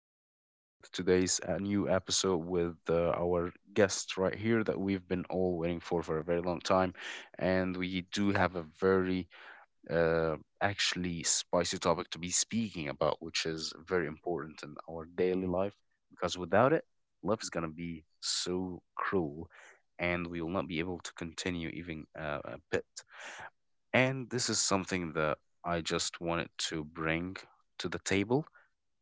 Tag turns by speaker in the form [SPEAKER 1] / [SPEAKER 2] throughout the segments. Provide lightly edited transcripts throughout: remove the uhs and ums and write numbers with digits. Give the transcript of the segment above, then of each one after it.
[SPEAKER 1] everyone, with today's new episode with our guest right here that we've been all waiting for a very long time. And we do have a very, uh, actually, spicy topic to be speaking about, which is very important in our daily life because without it, life is going to be so cruel and we will not be able to continue even a bit. And this is something that I just wanted to bring to the table,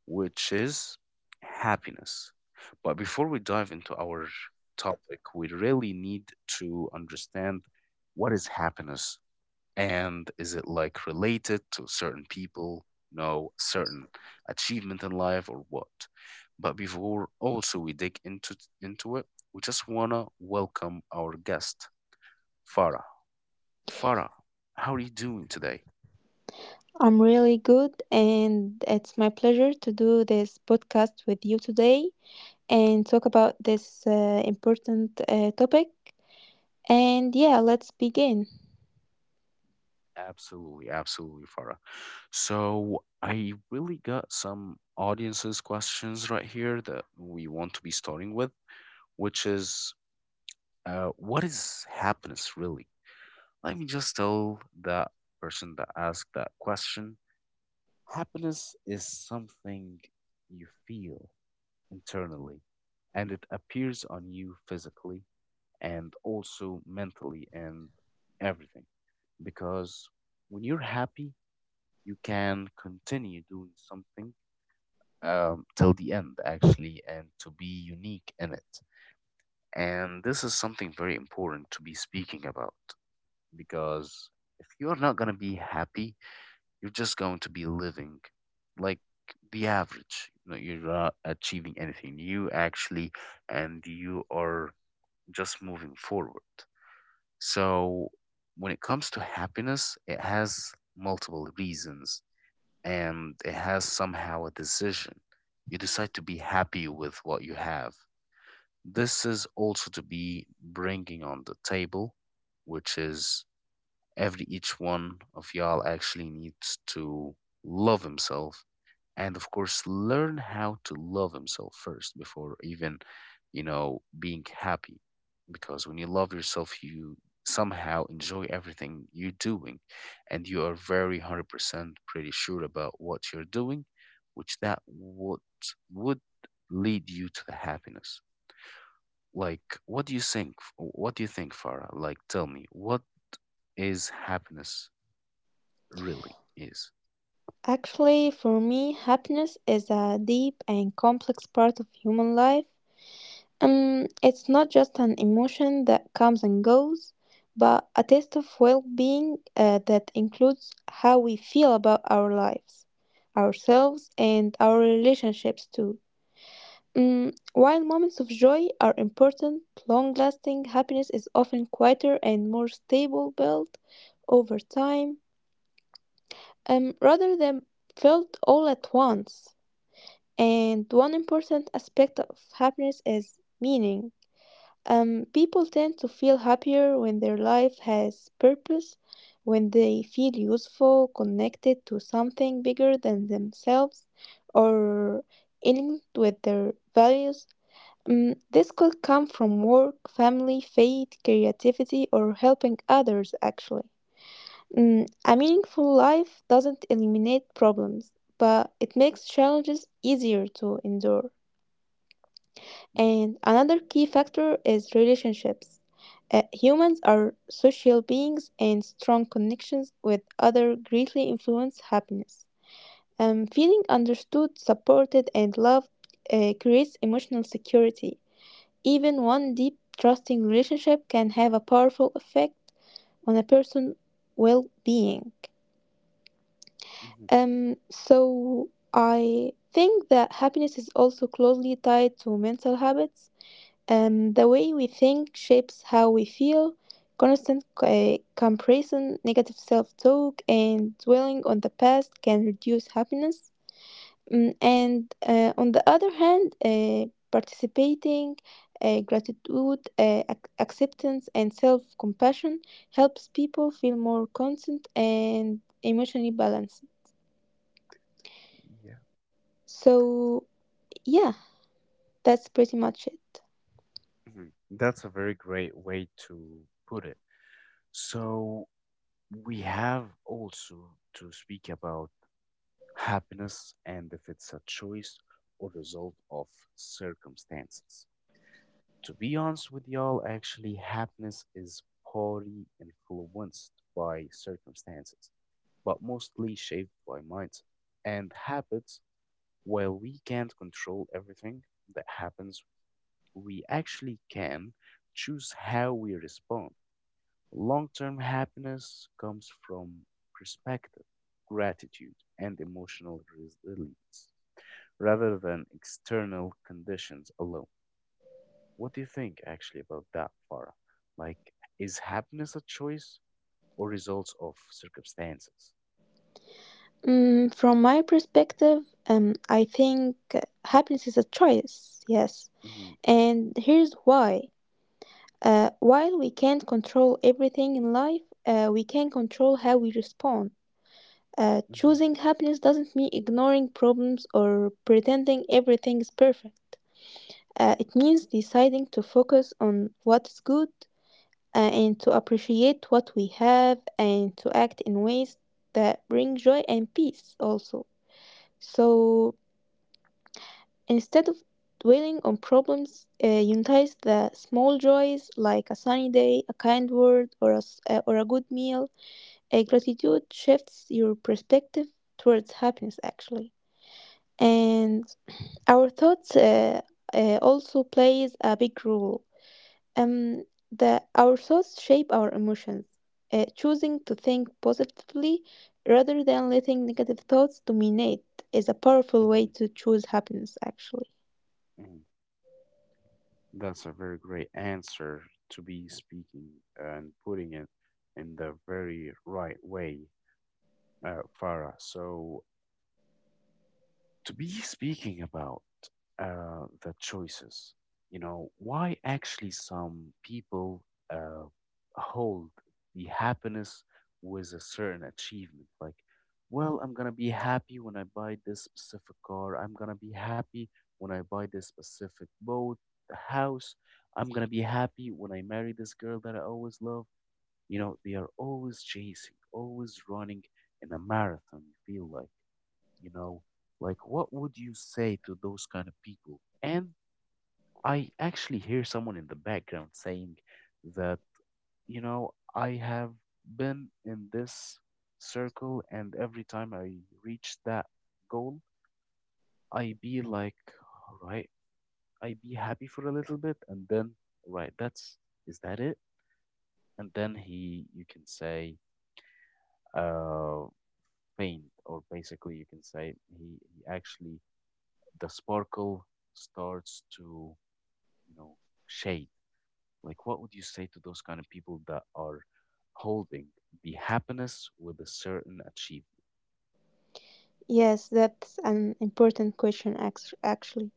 [SPEAKER 1] which is happiness. But before we dive into our topic, we really need to understand what is happiness, and is it like related to certain people, certain achievement in life or what. But before also we dig into it, we just wanna welcome our guest, Farah. Farah, how are you doing today?
[SPEAKER 2] I'm really good, and it's my pleasure to do this podcast with you today and talk about this important topic. And yeah, let's begin.
[SPEAKER 1] Absolutely, absolutely, Farah. So I really got some audiences questions right here that we want to be starting with, which is, what is happiness really? Let me just tell that person that asked that question. Happiness is something you feel internally, and it appears on you physically and also mentally and everything. Because when you're happy, you can continue doing something till the end, actually, and to be unique in it. And this is something very important to be speaking about, because if you're not going to be happy, you're just going to be living like the average. You're not achieving anything new, actually, and you are just moving forward. So, when it comes to happiness, it has multiple reasons and it has somehow a decision. You decide to be happy with what you have. This is also to be bringing on the table, which is every each one of y'all actually needs to love himself, and of course learn how to love himself first before even being happy, because when you love yourself you somehow enjoy everything you're doing and you are very 100% pretty sure about what you're doing, which that would lead you to the happiness. Like, what do you think, Farah? Like, tell me what is happiness really is.
[SPEAKER 2] Actually, for me, happiness is a deep and complex part of human life. It's not just an emotion that comes and goes, but a taste of well being that includes how we feel about our lives, ourselves, and our relationships too. While moments of joy are important, long lasting happiness is often quieter and more stable, built over time rather than felt all at once. And one important aspect of happiness is meaning. People tend to feel happier when their life has purpose, when they feel useful, connected to something bigger than themselves, or aligned with their values. This could come from work, family, faith, creativity, or helping others, actually. A meaningful life doesn't eliminate problems, but it makes challenges easier to endure. And another key factor is relationships. Humans are social beings, and strong connections with others greatly influence happiness. Feeling understood, supported, and loved creates emotional security. Even one deep, trusting relationship can have a powerful effect on a person's well being.
[SPEAKER 1] Mhm.
[SPEAKER 2] So I think that happiness is also closely tied to mental habits. The way we think shapes how we feel. Constant comparison, negative self talk, and dwelling on the past can reduce happiness. Mm, and On the other hand, participating, gratitude, acceptance, and self compassion helps people feel more constant and emotionally balanced.
[SPEAKER 1] Yeah.
[SPEAKER 2] So, yeah, that's pretty much it.
[SPEAKER 1] Mhm. That's a very great way to put it. So, we have also to speak about happiness and if it's a choice or result of circumstances. To be honest with y'all, actually, happiness is partly influenced by circumstances, but mostly shaped by mindset and habits. While we can't control everything that happens, we actually can choose how we respond. Long term happiness comes from perspective, gratitude, and emotional resilience rather than external conditions alone. What do you think actually about that, Farah? Like, is happiness a choice or results of circumstances?
[SPEAKER 2] From my perspective, I think happiness is a choice, yes.
[SPEAKER 1] Hmm.
[SPEAKER 2] And here's why. While we can't control everything in life, we can control how we respond.
[SPEAKER 1] Hmm.
[SPEAKER 2] Choosing happiness doesn't mean ignoring problems or pretending everything is perfect. It means deciding to focus on what is good and to appreciate what we have and to act in ways that bring joy and peace also. So instead of dwelling on problems, unite the small joys like a sunny day, a kind word, or a good meal. A gratitude shifts your perspective towards happiness actually. And our thoughts also plays a big role. Um the our thoughts shape our emotions. Choosing to think positively rather than letting negative thoughts dominate is a powerful way
[SPEAKER 1] Hmm.
[SPEAKER 2] to choose happiness actually.
[SPEAKER 1] Hmm. That's a very great answer to be speaking and putting it in the very right way, Farah. So, to be speaking about the choices, why actually some people uh, hold the happiness with a certain achievement. Like, well, I'm going to be happy when I buy this specific car. I'm going to be happy when I buy this specific boat, the house. I'm going to be happy when I marry this girl that I always love. They are always chasing, always running in a marathon. You feel like, you know what would you say to those kind of people? And I actually hear someone in the background saying that, I have been in this circle, and every time I reach that goal, I be like, all right, I be happy for a little bit, and then, right, that's, is that it? And then he, you can say, uh faint, or basically you can say he actually, the sparkle starts to, you know, shade? Like, what would you say to those kind of people that are holding the happiness with a certain achievement?
[SPEAKER 2] Yes, that's an important question, actually.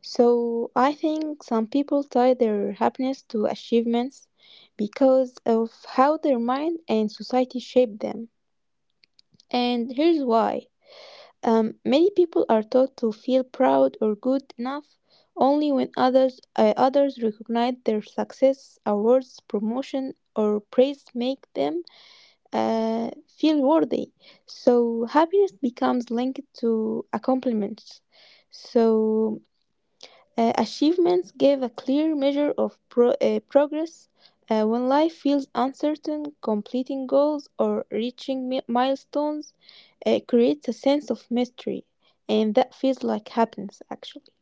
[SPEAKER 2] So I think some people tie their happiness to achievements because of how their mind and society shape them, and here's why. Many people are taught to feel proud or good enough only when others recognize their success. Awards, promotion, or praise make them uh, feel worthy. So happiness becomes linked to accomplishments. So achievements give a clear measure of progress. When life feels uncertain, completing goals or reaching milestones creates a sense of mystery, and that feels like happiness actually.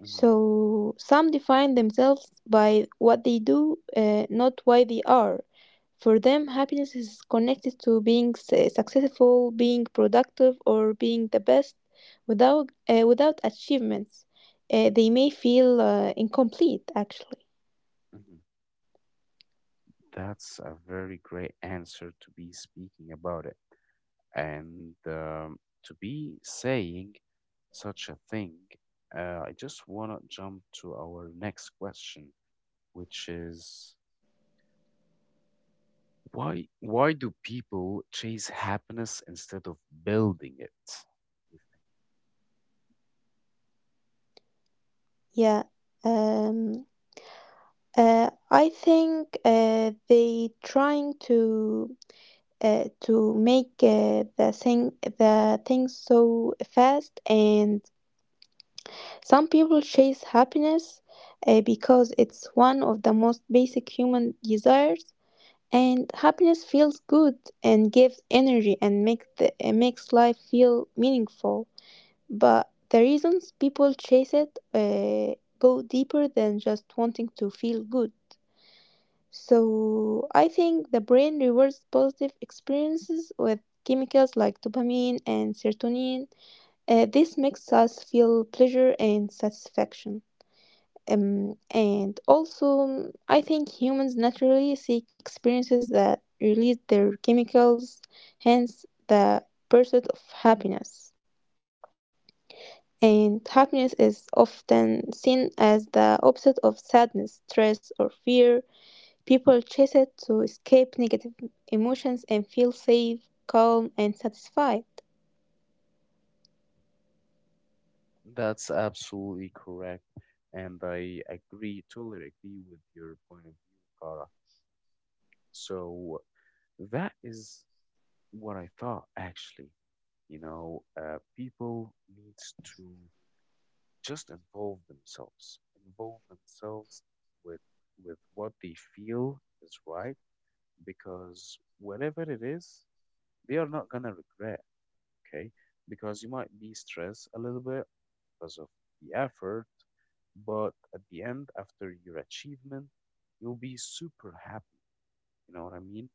[SPEAKER 1] Hmm.
[SPEAKER 2] So some define themselves by what they do, not why they are. For them, happiness is connected to being successful, being productive, or being the best. Without achievements, they may feel incomplete, actually.
[SPEAKER 1] Hmm. That's a very great answer to be speaking about it. And to be saying such a thing, I just want to jump to our next question, which is, why do people chase happiness instead of building it?
[SPEAKER 2] Yeah. Um, I think they trying to make uh, the things so fast. And some people chase happiness because it's one of the most basic human desires, and happiness feels good and gives energy and makes life feel meaningful. But the reasons people chase it go deeper than just wanting to feel good. So I think the brain rewards positive experiences with chemicals like dopamine and serotonin. This makes us feel pleasure and satisfaction. And also, I think humans naturally seek experiences that release their chemicals, hence the pursuit of happiness. And happiness is often seen as the opposite of sadness, stress, or fear. People chase it to escape negative emotions and feel safe, calm, and satisfied.
[SPEAKER 1] That's absolutely correct, and I agree, totally agree with your point of view, Farah. So that is what I thought, actually. People needs to just involve themselves with what they feel is right, because whatever it is, they are not gonna regret, okay? Because you might be stressed a little bit because of the effort. But at the end, after your achievement, you'll be super happy. You know what I mean?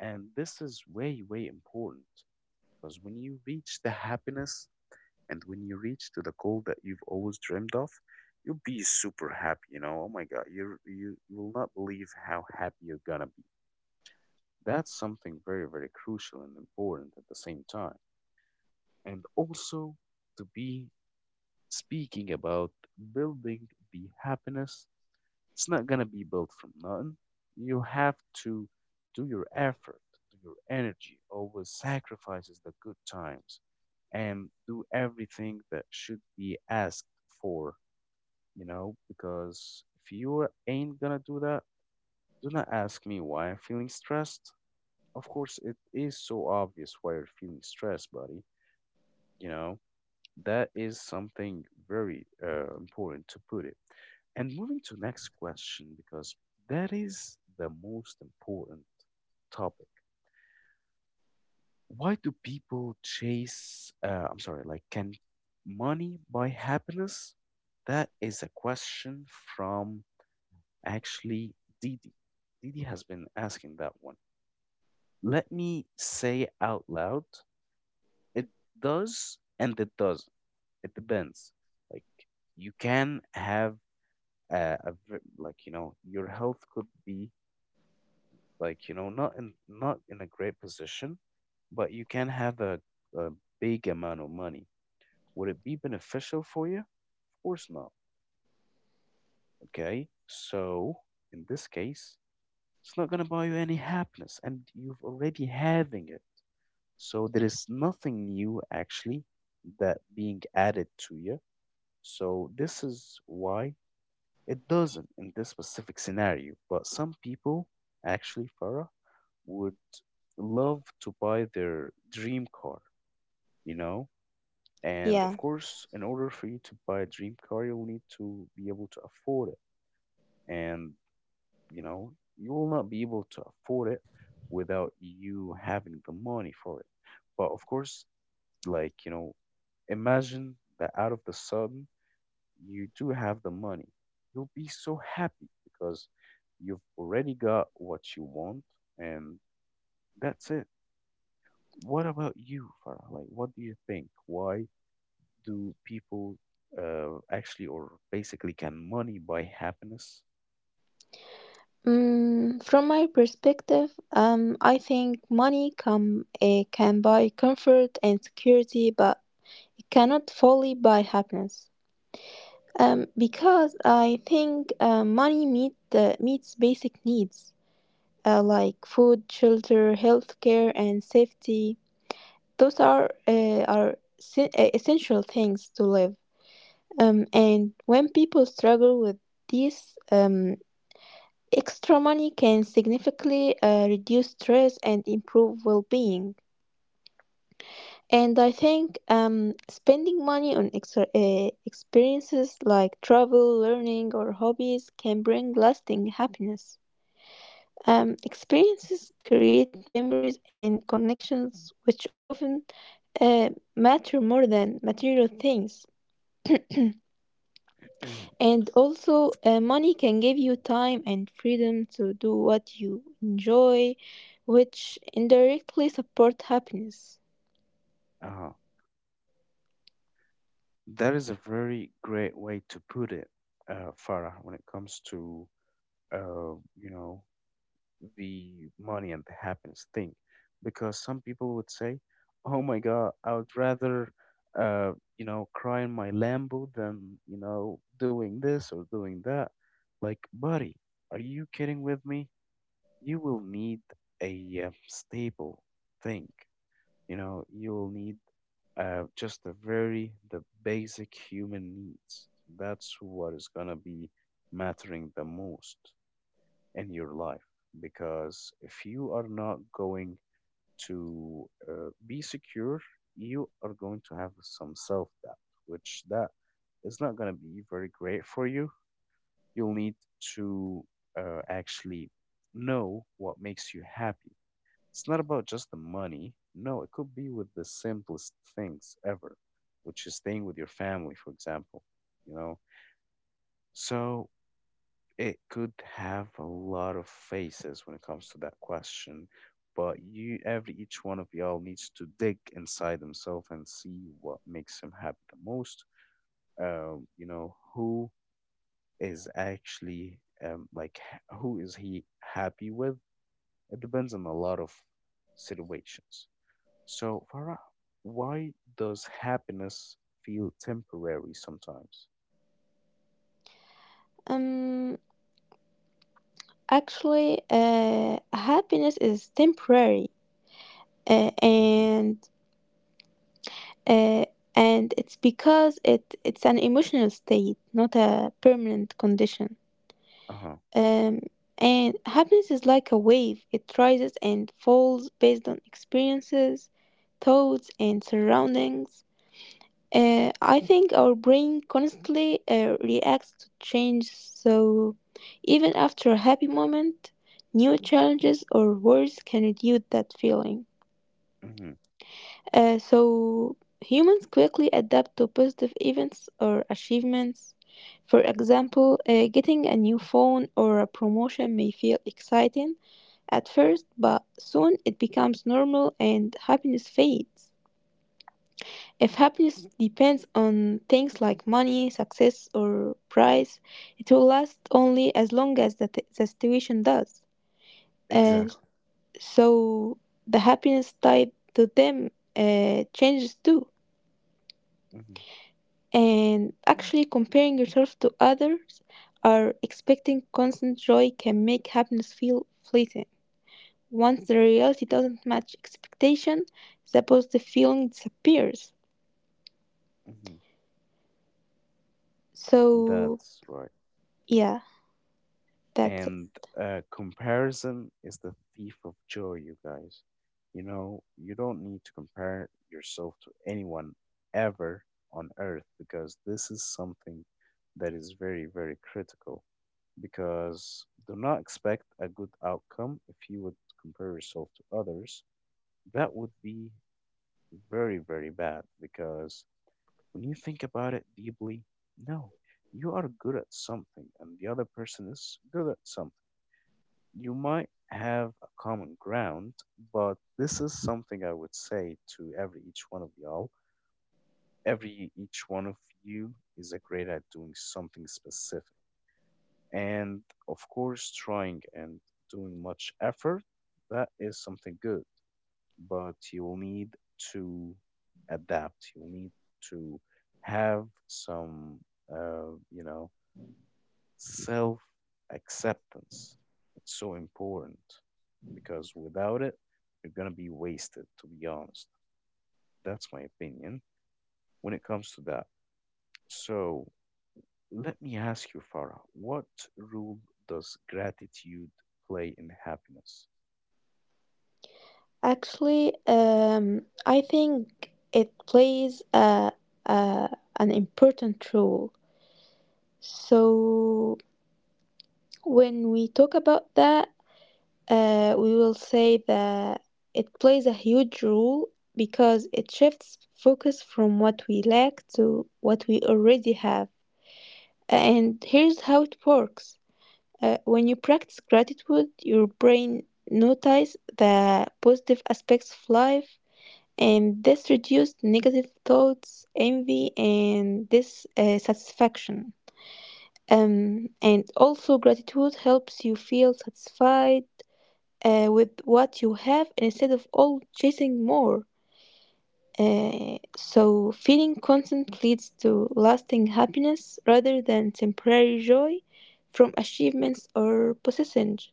[SPEAKER 1] And this is way, way important, because when you reach the happiness and when you reach to the goal that you've always dreamed of, you'll be super happy. Oh my God, you will not believe how happy you're gonna be. That's something very, very crucial and important at the same time. And also, to be speaking about building the happiness. It's not gonna be built from nothing. You have to do your effort, do your energy, always sacrifices the good times, and do everything that should be asked for. Because if you ain't gonna do that, do not ask me why I'm feeling stressed. Of course, it is so obvious why you're feeling stressed, buddy. You know. That is something very important to put it. And moving to next question, because that is the most important topic. Why do people chase? I'm sorry, like can money buy happiness? That is a question from actually Didi. Didi has been asking that one. Let me say out loud: it does and it doesn't. It depends. Like, you can have uh, a your health could be, like, not in a great position, but you can have a big amount of money. Would it be beneficial for you? Of course not. Okay, so in this case, it's not going to buy you any happiness, and you've already having it, so there is nothing new actually that being added to you. So this is why it doesn't, in this specific scenario. But some people actually, Farah, would love to buy their dream car, you know? And of
[SPEAKER 2] Yeah.
[SPEAKER 1] course, in order for you to buy a dream car, you'll need to be able to afford it. And, you will not be able to afford it without you having the money for it. But of course, like, imagine that out of the sudden, you do have the money, you'll be so happy because you've already got what you want, and that's it. What about you, Farah? Like, what do you think? Why do people actually, or basically, can money buy happiness?
[SPEAKER 2] From my perspective, I think money can buy comfort and security, but it cannot fully buy happiness. Because I think money meets basic needs like food, shelter, healthcare, and safety. Those are essential things to live. And when people struggle with these, extra money can significantly reduce stress and improve well-being. And I think spending money on extra, experiences like travel, learning, or hobbies can bring lasting happiness. Experiences create memories and connections which often uh, matter more than material things. And also, money can give you time and freedom to do what you enjoy, which indirectly support happiness.
[SPEAKER 1] Uh, that is a very great way to put it, Farah, when it comes to, uh, you know, the money and the happiness thing, because some people would say, oh my God, I would rather, uh cry in my lambo, than, doing this or doing that. Like, buddy, are you kidding with me? You will need a stable thing. You'll need just the basic human needs. That's what is gonna be mattering the most in your life, because if you are not going to be secure, you are going to have some self doubt, which that is not going to be very great for you. You'll need to actually know what makes you happy. It's not about just the money. No, it could be with the simplest things ever, which is staying with your family for example, you know so it could have a lot of faces when it comes to that question, but every each one of y'all needs to dig inside himself and see what makes him happy the most. Who is actually like who is he happy with? It depends on a lot of situations. So, Farah, why does happiness feel temporary sometimes?
[SPEAKER 2] Um, Actually, happiness is temporary, uh,
[SPEAKER 1] Mm-hmm.
[SPEAKER 2] and uh, and it's because it's an emotional state, not a permanent condition.
[SPEAKER 1] Uh-huh.
[SPEAKER 2] Um, and happiness is like a wave; it rises and falls based on experiences, thoughts, and surroundings. I think our brain constantly reacts to change, so even after a happy moment, new challenges or worries can reduce that feeling.
[SPEAKER 1] Mm-hmm.
[SPEAKER 2] So humans quickly adapt to positive events or achievements. For example, getting a new phone or a promotion may feel exciting at first, but soon it becomes normal and happiness fades. If happiness depends on things like money, success, or price, it will last only as long as the situation does. Uh,
[SPEAKER 1] Exactly.
[SPEAKER 2] so the happiness tied to them changes too.
[SPEAKER 1] Mm-hmm.
[SPEAKER 2] And actually, comparing yourself to others or expecting constant joy can make happiness feel fleeting. Once the reality doesn't match expectation, the positive feeling disappears.
[SPEAKER 1] Mm-hmm.
[SPEAKER 2] So,
[SPEAKER 1] That's right.
[SPEAKER 2] yeah, that's it.
[SPEAKER 1] And comparison is the thief of joy, you guys. You don't need to compare yourself to anyone ever on earth, because this is something that is very, very critical. Because do not expect a good outcome if you would compare yourself to others. That would be very, very bad, because when you think about it deeply, no, you are good at something and the other person is good at something. You might have a common ground, but this is something I would say to every each one of y'all. Every each one of you is a great at doing something specific. And of course, trying and doing much effort, that is something good. But you'll need to adapt. You'll need to have some, uh, you know, self acceptance. It's so important because without it, you're going to be wasted, to be honest. That's my opinion when it comes to that. So let me ask you, Farah, what role does gratitude play in happiness?
[SPEAKER 2] Actually, I think it plays a, an important role. So, when we talk about that, we will say that it plays a huge role because it shifts focus from what we lack to what we already have. And here's how it works. When you practice gratitude, your brain notices the positive aspects of life, and this reduced negative thoughts, envy, and dissatisfaction. And also, gratitude helps you feel satisfied with what you have instead of all chasing more. Uh, so, feeling content leads to lasting happiness rather than temporary joy from achievements or possessions.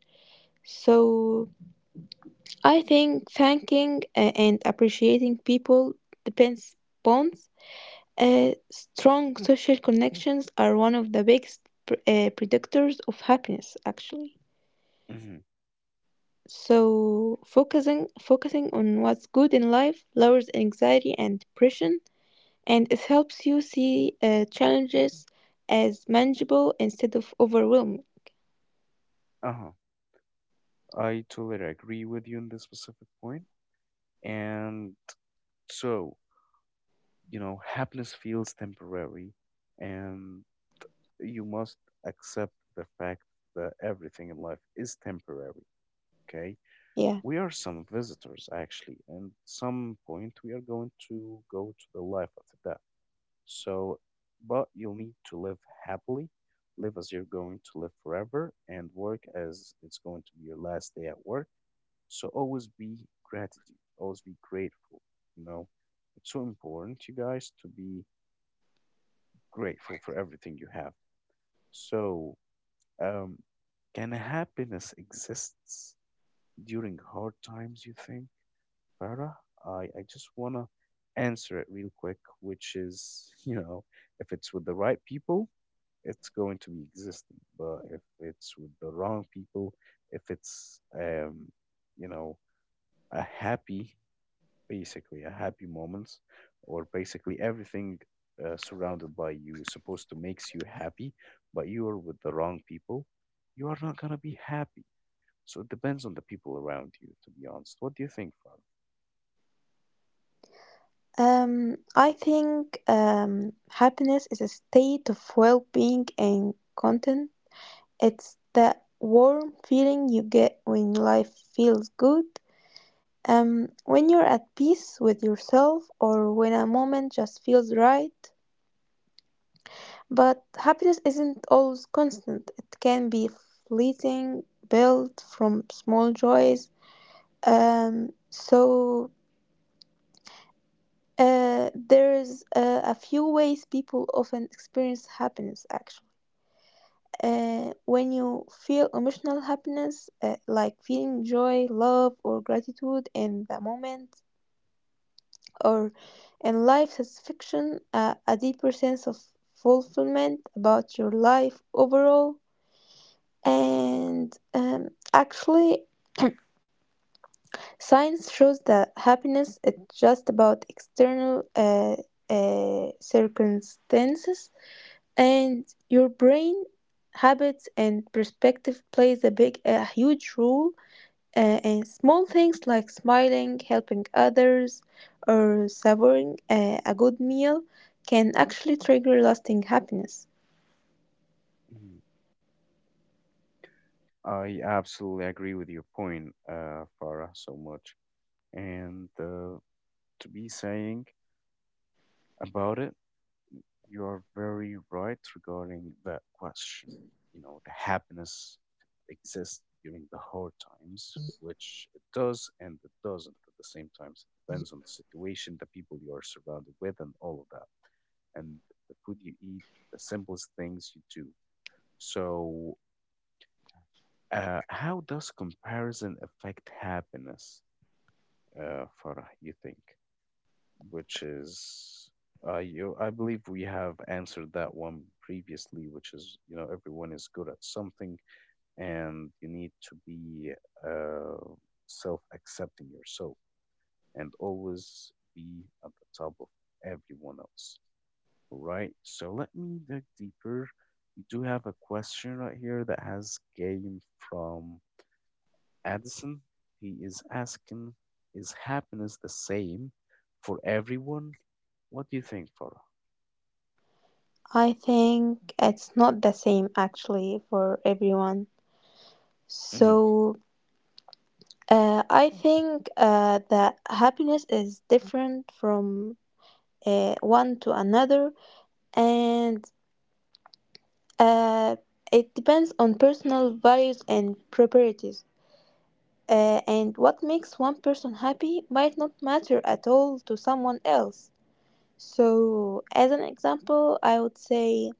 [SPEAKER 2] So, I think thanking and appreciating people depends bonds. Strong social connections are one of the biggest predictors of happiness, actually.
[SPEAKER 1] Hmm.
[SPEAKER 2] So focusing on what's good in life lowers anxiety and depression, and it helps you see challenges as manageable instead of overwhelming.
[SPEAKER 1] Uh-huh. I totally agree with you on this specific point. And so, you know, happiness feels temporary and you must accept the fact that everything in life is temporary, okay?
[SPEAKER 2] Yeah.
[SPEAKER 1] We are some visitors, actually, and some point we are going to go to the life after that. So, but you'll need to live happily, live as you're going to live forever, and work as it's going to be your last day at work. So, always be gratitude, always be grateful. You know, it's so important, you guys, to be grateful for everything you have. So, Um, can happiness exists during hard times, you think, Farah? I just want to answer it real quick, which is, you know, if it's with the right people, it's going to be existing. But if it's with the wrong people, if it's, you know, a happy, basically, a happy moments, or basically everything surrounded by you is supposed to makes you happy, but you are with the wrong people, you are not going to be happy, so it depends on the people around you, to be honest. What do you think, Farah?
[SPEAKER 2] I think happiness is a state of well-being and content. It's that warm feeling you get when life feels good. When you're at peace with yourself or when a moment just feels right. But happiness isn't always constant; it can be fleeting, built from small joys. So there's a few ways people often experience happiness actually. When you feel emotional happiness, like feeling joy, love, or gratitude in the moment, or in life satisfaction, a deeper sense of fulfillment about your life overall. And actually, science shows that happiness is just about external circumstances, and your brain habits and perspective plays a huge role. And small things like smiling, helping others, or savoring a good meal can actually trigger lasting happiness.
[SPEAKER 1] Mhm. I absolutely agree with your point, Farah, so much. And to be saying about it, you are very right regarding that question. You know, the happiness exists during the hard times, which it does and it doesn't at the same time. So, it depends on the situation, the people you are surrounded with, and all of that. And the food you eat, the simplest things you do. So, how does comparison affect happiness, Farah, you think? Which is, I believe we have answered that one previously, which is, you know, everyone is good at something and you need to be uh, self accepting yourself and always be at the top of everyone else, right? So let me dig deeper. We do have a question right here that has came from Addison, he is asking, is happiness the same for everyone? What do you think, Farah?
[SPEAKER 2] I think it's not the same actually for everyone.
[SPEAKER 1] Hmm.
[SPEAKER 2] So I think that happiness is different from one to another, and uh, it depends on personal values and priorities. And what makes one person happy might not matter at all to someone else. So, as an example, I would say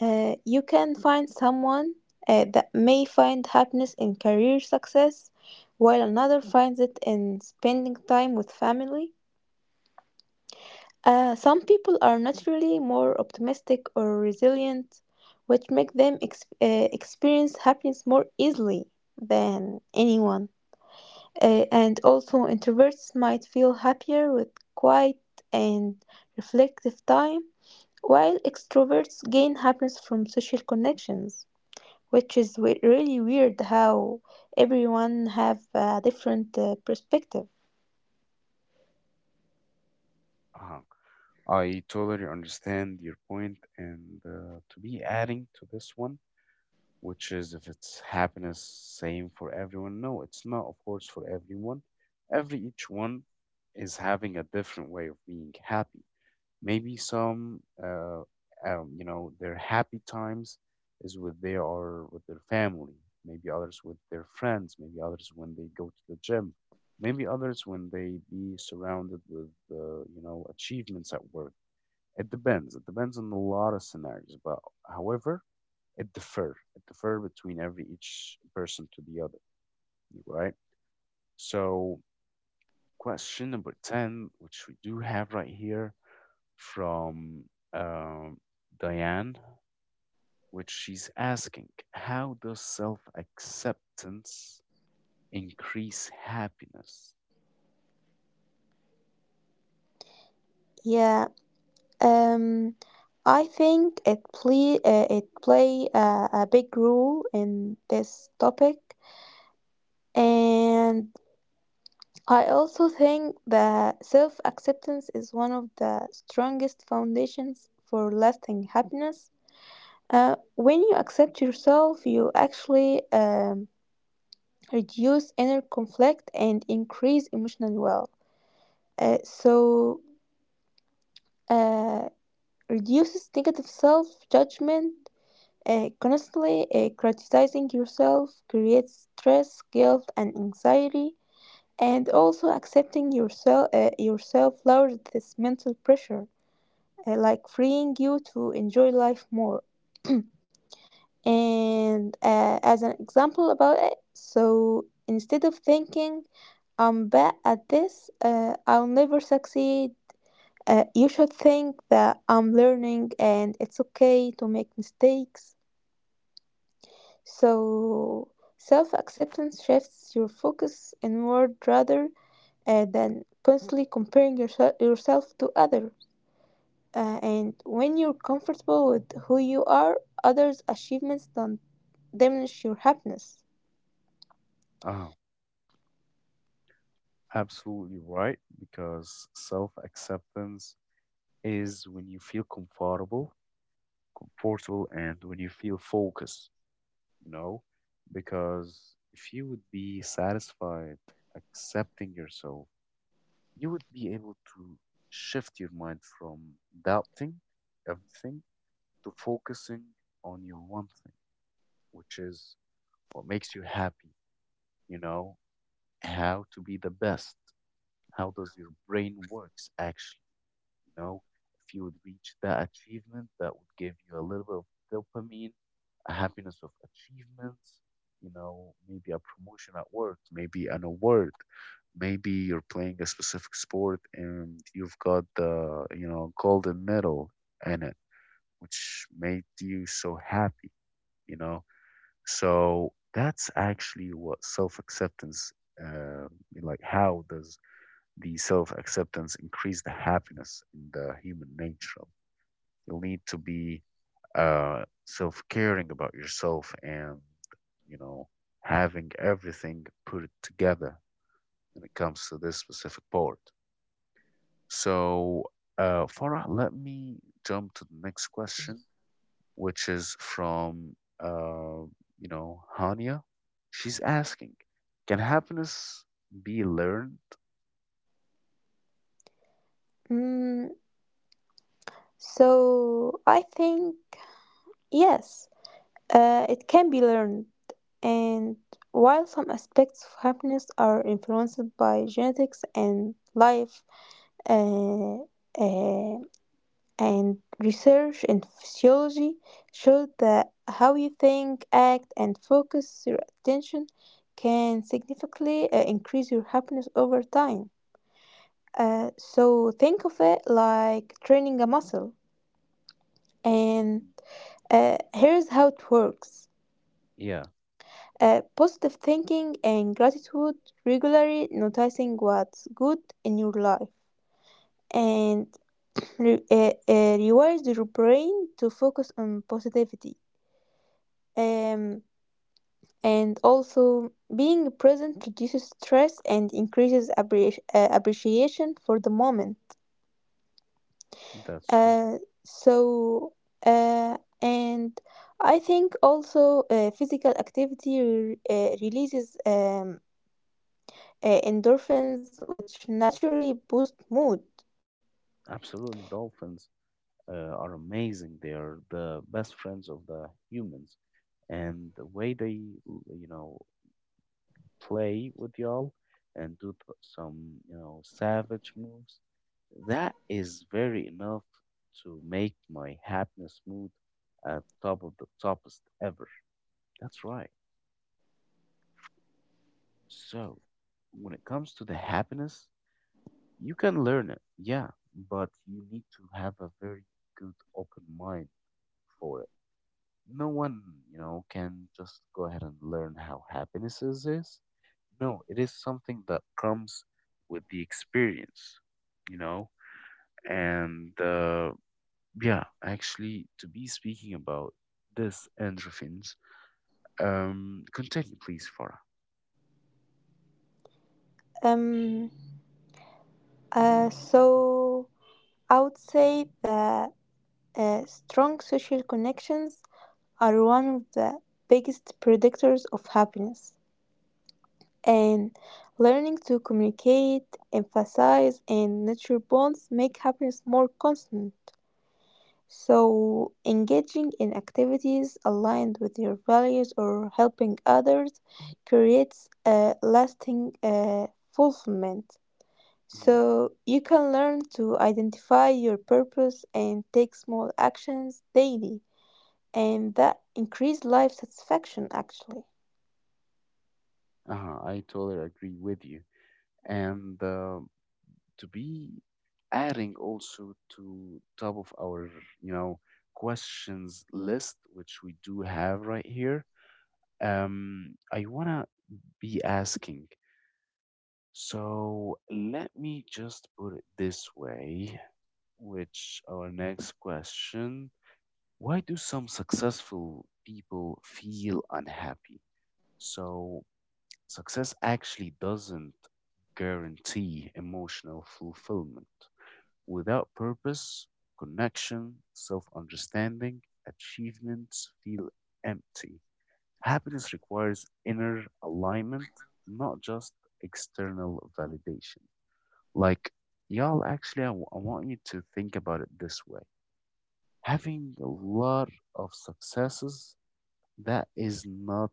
[SPEAKER 2] you can find someone that may find happiness in career success, while another finds it in spending time with family. Some people are naturally more optimistic or resilient, which make them experience happiness more easily than anyone. And also, introverts might feel happier with quiet and reflective time, while extroverts gain happiness from social connections, which is really weird how everyone have a different perspective.
[SPEAKER 1] Uh-huh. I totally understand your point, and to be adding to this one, which is if it's happiness same for everyone. No, it's not, of course, for everyone. Every each one is having a different way of being happy. Maybe some, you know, their happy times is with they are with their family. Maybe others with their friends. Maybe others when they go to the gym. Maybe others when they be surrounded with, you know, achievements at work. It depends. It depends on a lot of scenarios. But however, it differ. It differ between every each person to the other, right? So question number 10, which we do have right here from um, Diane, which she's asking, how does self acceptance increase happiness?
[SPEAKER 2] Yeah, um, I think it play a big role in this topic, and I also think that self acceptance is one of the strongest foundations for lasting happiness. When you accept yourself, you actually reduce inner conflict and increase emotional well. So, uh, reduces negative self judgment. Constantly criticizing yourself creates stress, guilt, and anxiety. And also accepting yourself lowers this mental pressure, like freeing you to enjoy life more. and As an example about it, so instead of thinking I'm bad at this, I'll never succeed, you should think that I'm learning and it's okay to make mistakes. So self-acceptance shifts your focus inward rather than constantly comparing yourself to others. And when you're comfortable with who you are, others' achievements don't diminish your happiness.
[SPEAKER 1] Oh, absolutely right, because self acceptance is when you feel comfortable, comfortable, and when you feel focused, you know, because if you would be satisfied accepting yourself, you would be able to shift your mind from doubting everything to focusing on your one thing, which is what makes you happy, you know, how to be the best, how does your brain works actually, you know, if you would reach that achievement, that would give you a little bit of dopamine, a happiness of achievements, you know, maybe a promotion at work, maybe an award, maybe you're playing a specific sport and you've got the, you know, golden medal in it, which made you so happy, you know. So that's actually what self acceptance, uh, like how does the self acceptance increase the happiness in the human nature? You'll need to be self caring about yourself and, you know, having everything put it together when it comes to this specific part. So, Farah, let me jump to the next question, which is from uh, you know, Hania. She's asking, "Can happiness be learned?"
[SPEAKER 2] Mm, so I think, yes, it can be learned. And while some aspects of happiness are influenced by genetics and life, uh, uh, and research in physiology showed that how you think, act, and focus your attention can significantly increase your happiness over time. So think of it like training a muscle. And
[SPEAKER 1] Mhm.
[SPEAKER 2] here's how it works.
[SPEAKER 1] Yeah,
[SPEAKER 2] Positive thinking and gratitude, regularly noticing what's good in your life, and rewards your brain to focus on positivity. Um, and also being present reduces stress and increases appreciation for the moment.
[SPEAKER 1] that's true.
[SPEAKER 2] Uh, so uh, and I think also physical activity releases endorphins which naturally boost mood.
[SPEAKER 1] Absolutely, dolphins are amazing. They are the best friends of the humans, and the way they, you know, play with y'all and do some, you know, savage moves, that is very enough to make my happiness mood at top of the toppest ever. That's right. So, when it comes to the happiness, you can learn it, yeah, but you need to have a very good open mind for it. No one, you know, can just go ahead and learn how happiness is, is. No, it is something that comes with the experience, you know? And yeah, actually, to be speaking about this endorphins, continue, please, Farah.
[SPEAKER 2] Um, uh, so I would say that strong social connections are one of the biggest predictors of happiness, and learning to communicate, emphasize, and nurture bonds make happiness more constant. So, engaging in activities aligned with your values or helping others creates a lasting fulfillment.
[SPEAKER 1] Mm.
[SPEAKER 2] So, you can learn to identify your purpose and take small actions daily, and that increase life satisfaction actually.
[SPEAKER 1] Uh-huh, I totally agree with you. And to be adding also to top of our, you know, questions list which we do have right here, I want to be asking, so let me just put it this way, which our next question, why do some successful people feel unhappy? So success actually doesn't guarantee emotional fulfillment. Without purpose, connection, self understanding, achievements feel empty. Happiness requires inner alignment, not just external validation. Like, y'all, actually, I want you to think about it this way, having a lot of successes, that is not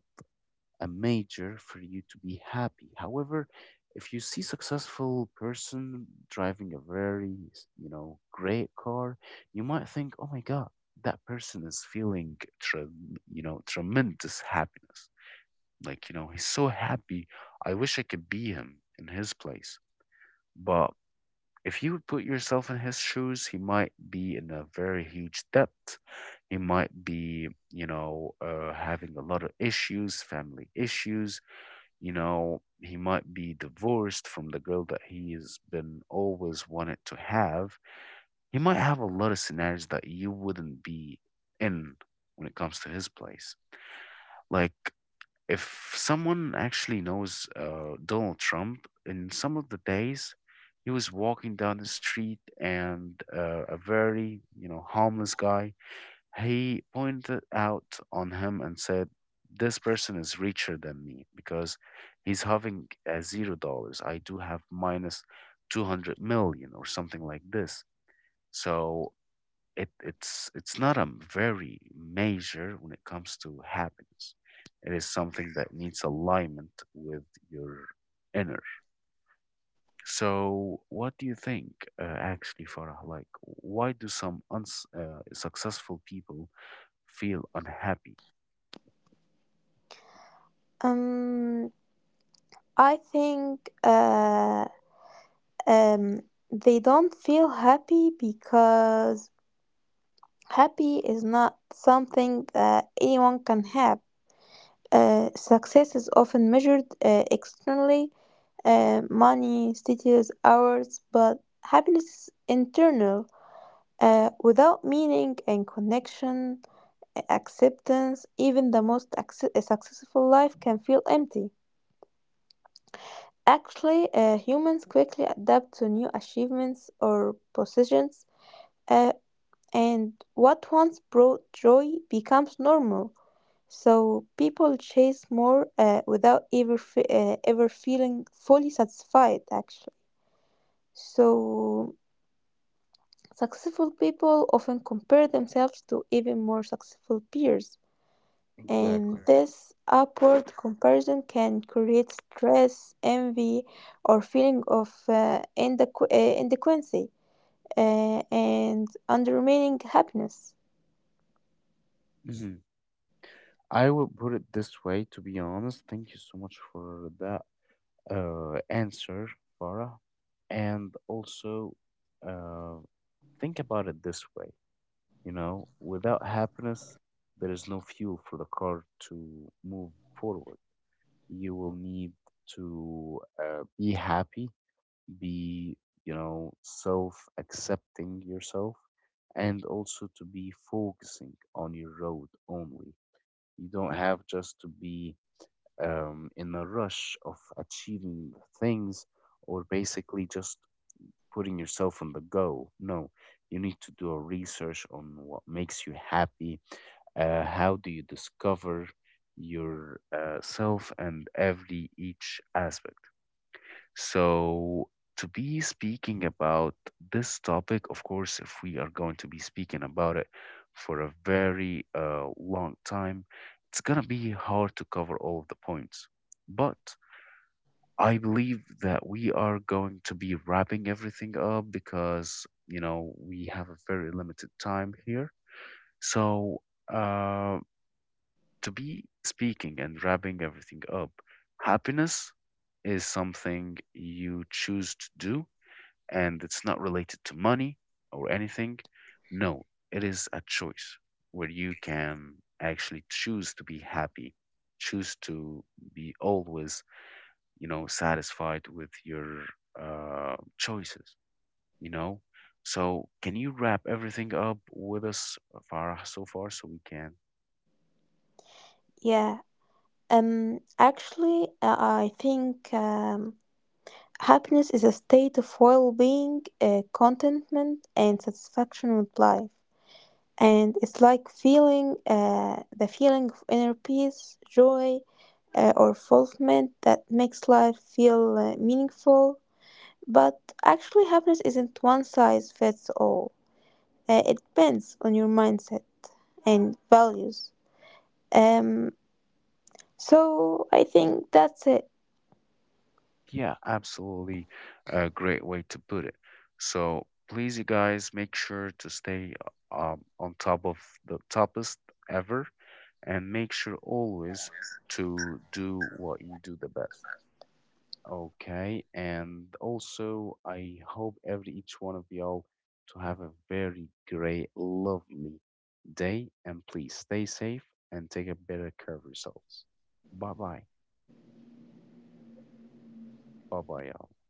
[SPEAKER 1] a major for you to be happy. However, if you see successful person driving a very, you know, great car, you might think, "Oh my God, that person is feeling, trem you know, tremendous happiness. Like, you know, he's so happy. I wish I could be him in his place." But if you would put yourself in his shoes, he might be in a very huge debt. He might be, you know, having a lot of issues, family issues, you know, he might be divorced from the girl that he has been always wanted to have. He might have a lot of scenarios that you wouldn't be in when it comes to his place. Like, if someone actually knows Donald Trump, in some of the days, he was walking down the street and a very, you know, harmless guy, he pointed out on him and said, this person is richer than me because he's having $0. I do have minus 200 million or something like this. So it's not a very major when it comes to happiness. It is something that needs alignment with your inner. So, what do you think, actually, Farah? Like, why do some successful people feel unhappy?
[SPEAKER 2] Um, I think um, they don't feel happy because happy is not something that anyone can have. Success is often measured externally, money, status, hours, but happiness is internal, without meaning and connection, acceptance, even the most successful life can feel empty. Actually, humans quickly adapt to new achievements or positions. Uh, And what once brought joy becomes normal, so people chase more without ever feeling fully satisfied, actually. So successful people often compare themselves to even more successful peers, and
[SPEAKER 1] Exactly.
[SPEAKER 2] this upward comparison can create stress, envy, or feeling of inadequacy, and undermining happiness.
[SPEAKER 1] Mhm. I will put it this way, to be honest. Thank you so much for that answer, Farah. And also, uh, think about it this way, you know, without happiness, there is no fuel for the car to move forward. You will need to be happy, be, you know, self accepting yourself, and also to be focusing on your road only. You don't have just to be in a rush of achieving things or basically just putting yourself on the go. No, you need to do a research on what makes you happy. How do you discover your self and every each aspect? So to be speaking about this topic, of course, if we are going to be speaking about it for a very long time, it's gonna be hard to cover all of the points. But I believe that we are going to be wrapping everything up because, you know, we have a very limited time here. So, uh, to be speaking and wrapping everything up, happiness is something you choose to do, and it's not related to money or anything. No, it is a choice where you can actually choose to be happy, choose to be always, you know, satisfied with your choices, you know. So can you wrap everything up with us, Farah, so far, so we can?
[SPEAKER 2] Yeah. Actually, I think happiness is a state of well being, contentment, and satisfaction with life. And it's like feeling the feeling of inner peace, joy, or fulfillment that makes life feel meaningful. But actually, happiness isn't one size fits all, it depends on your mindset and values. Um, so I think that's it.
[SPEAKER 1] Yeah, absolutely, a great way to put it. So please, you guys, make sure to stay on top of the toppest ever and make sure always to do what you do the best. Okay, and also I hope every each one of y'all to have a very great, lovely day, and please stay safe and take a better care of yourselves. Bye bye, bye bye, y'all.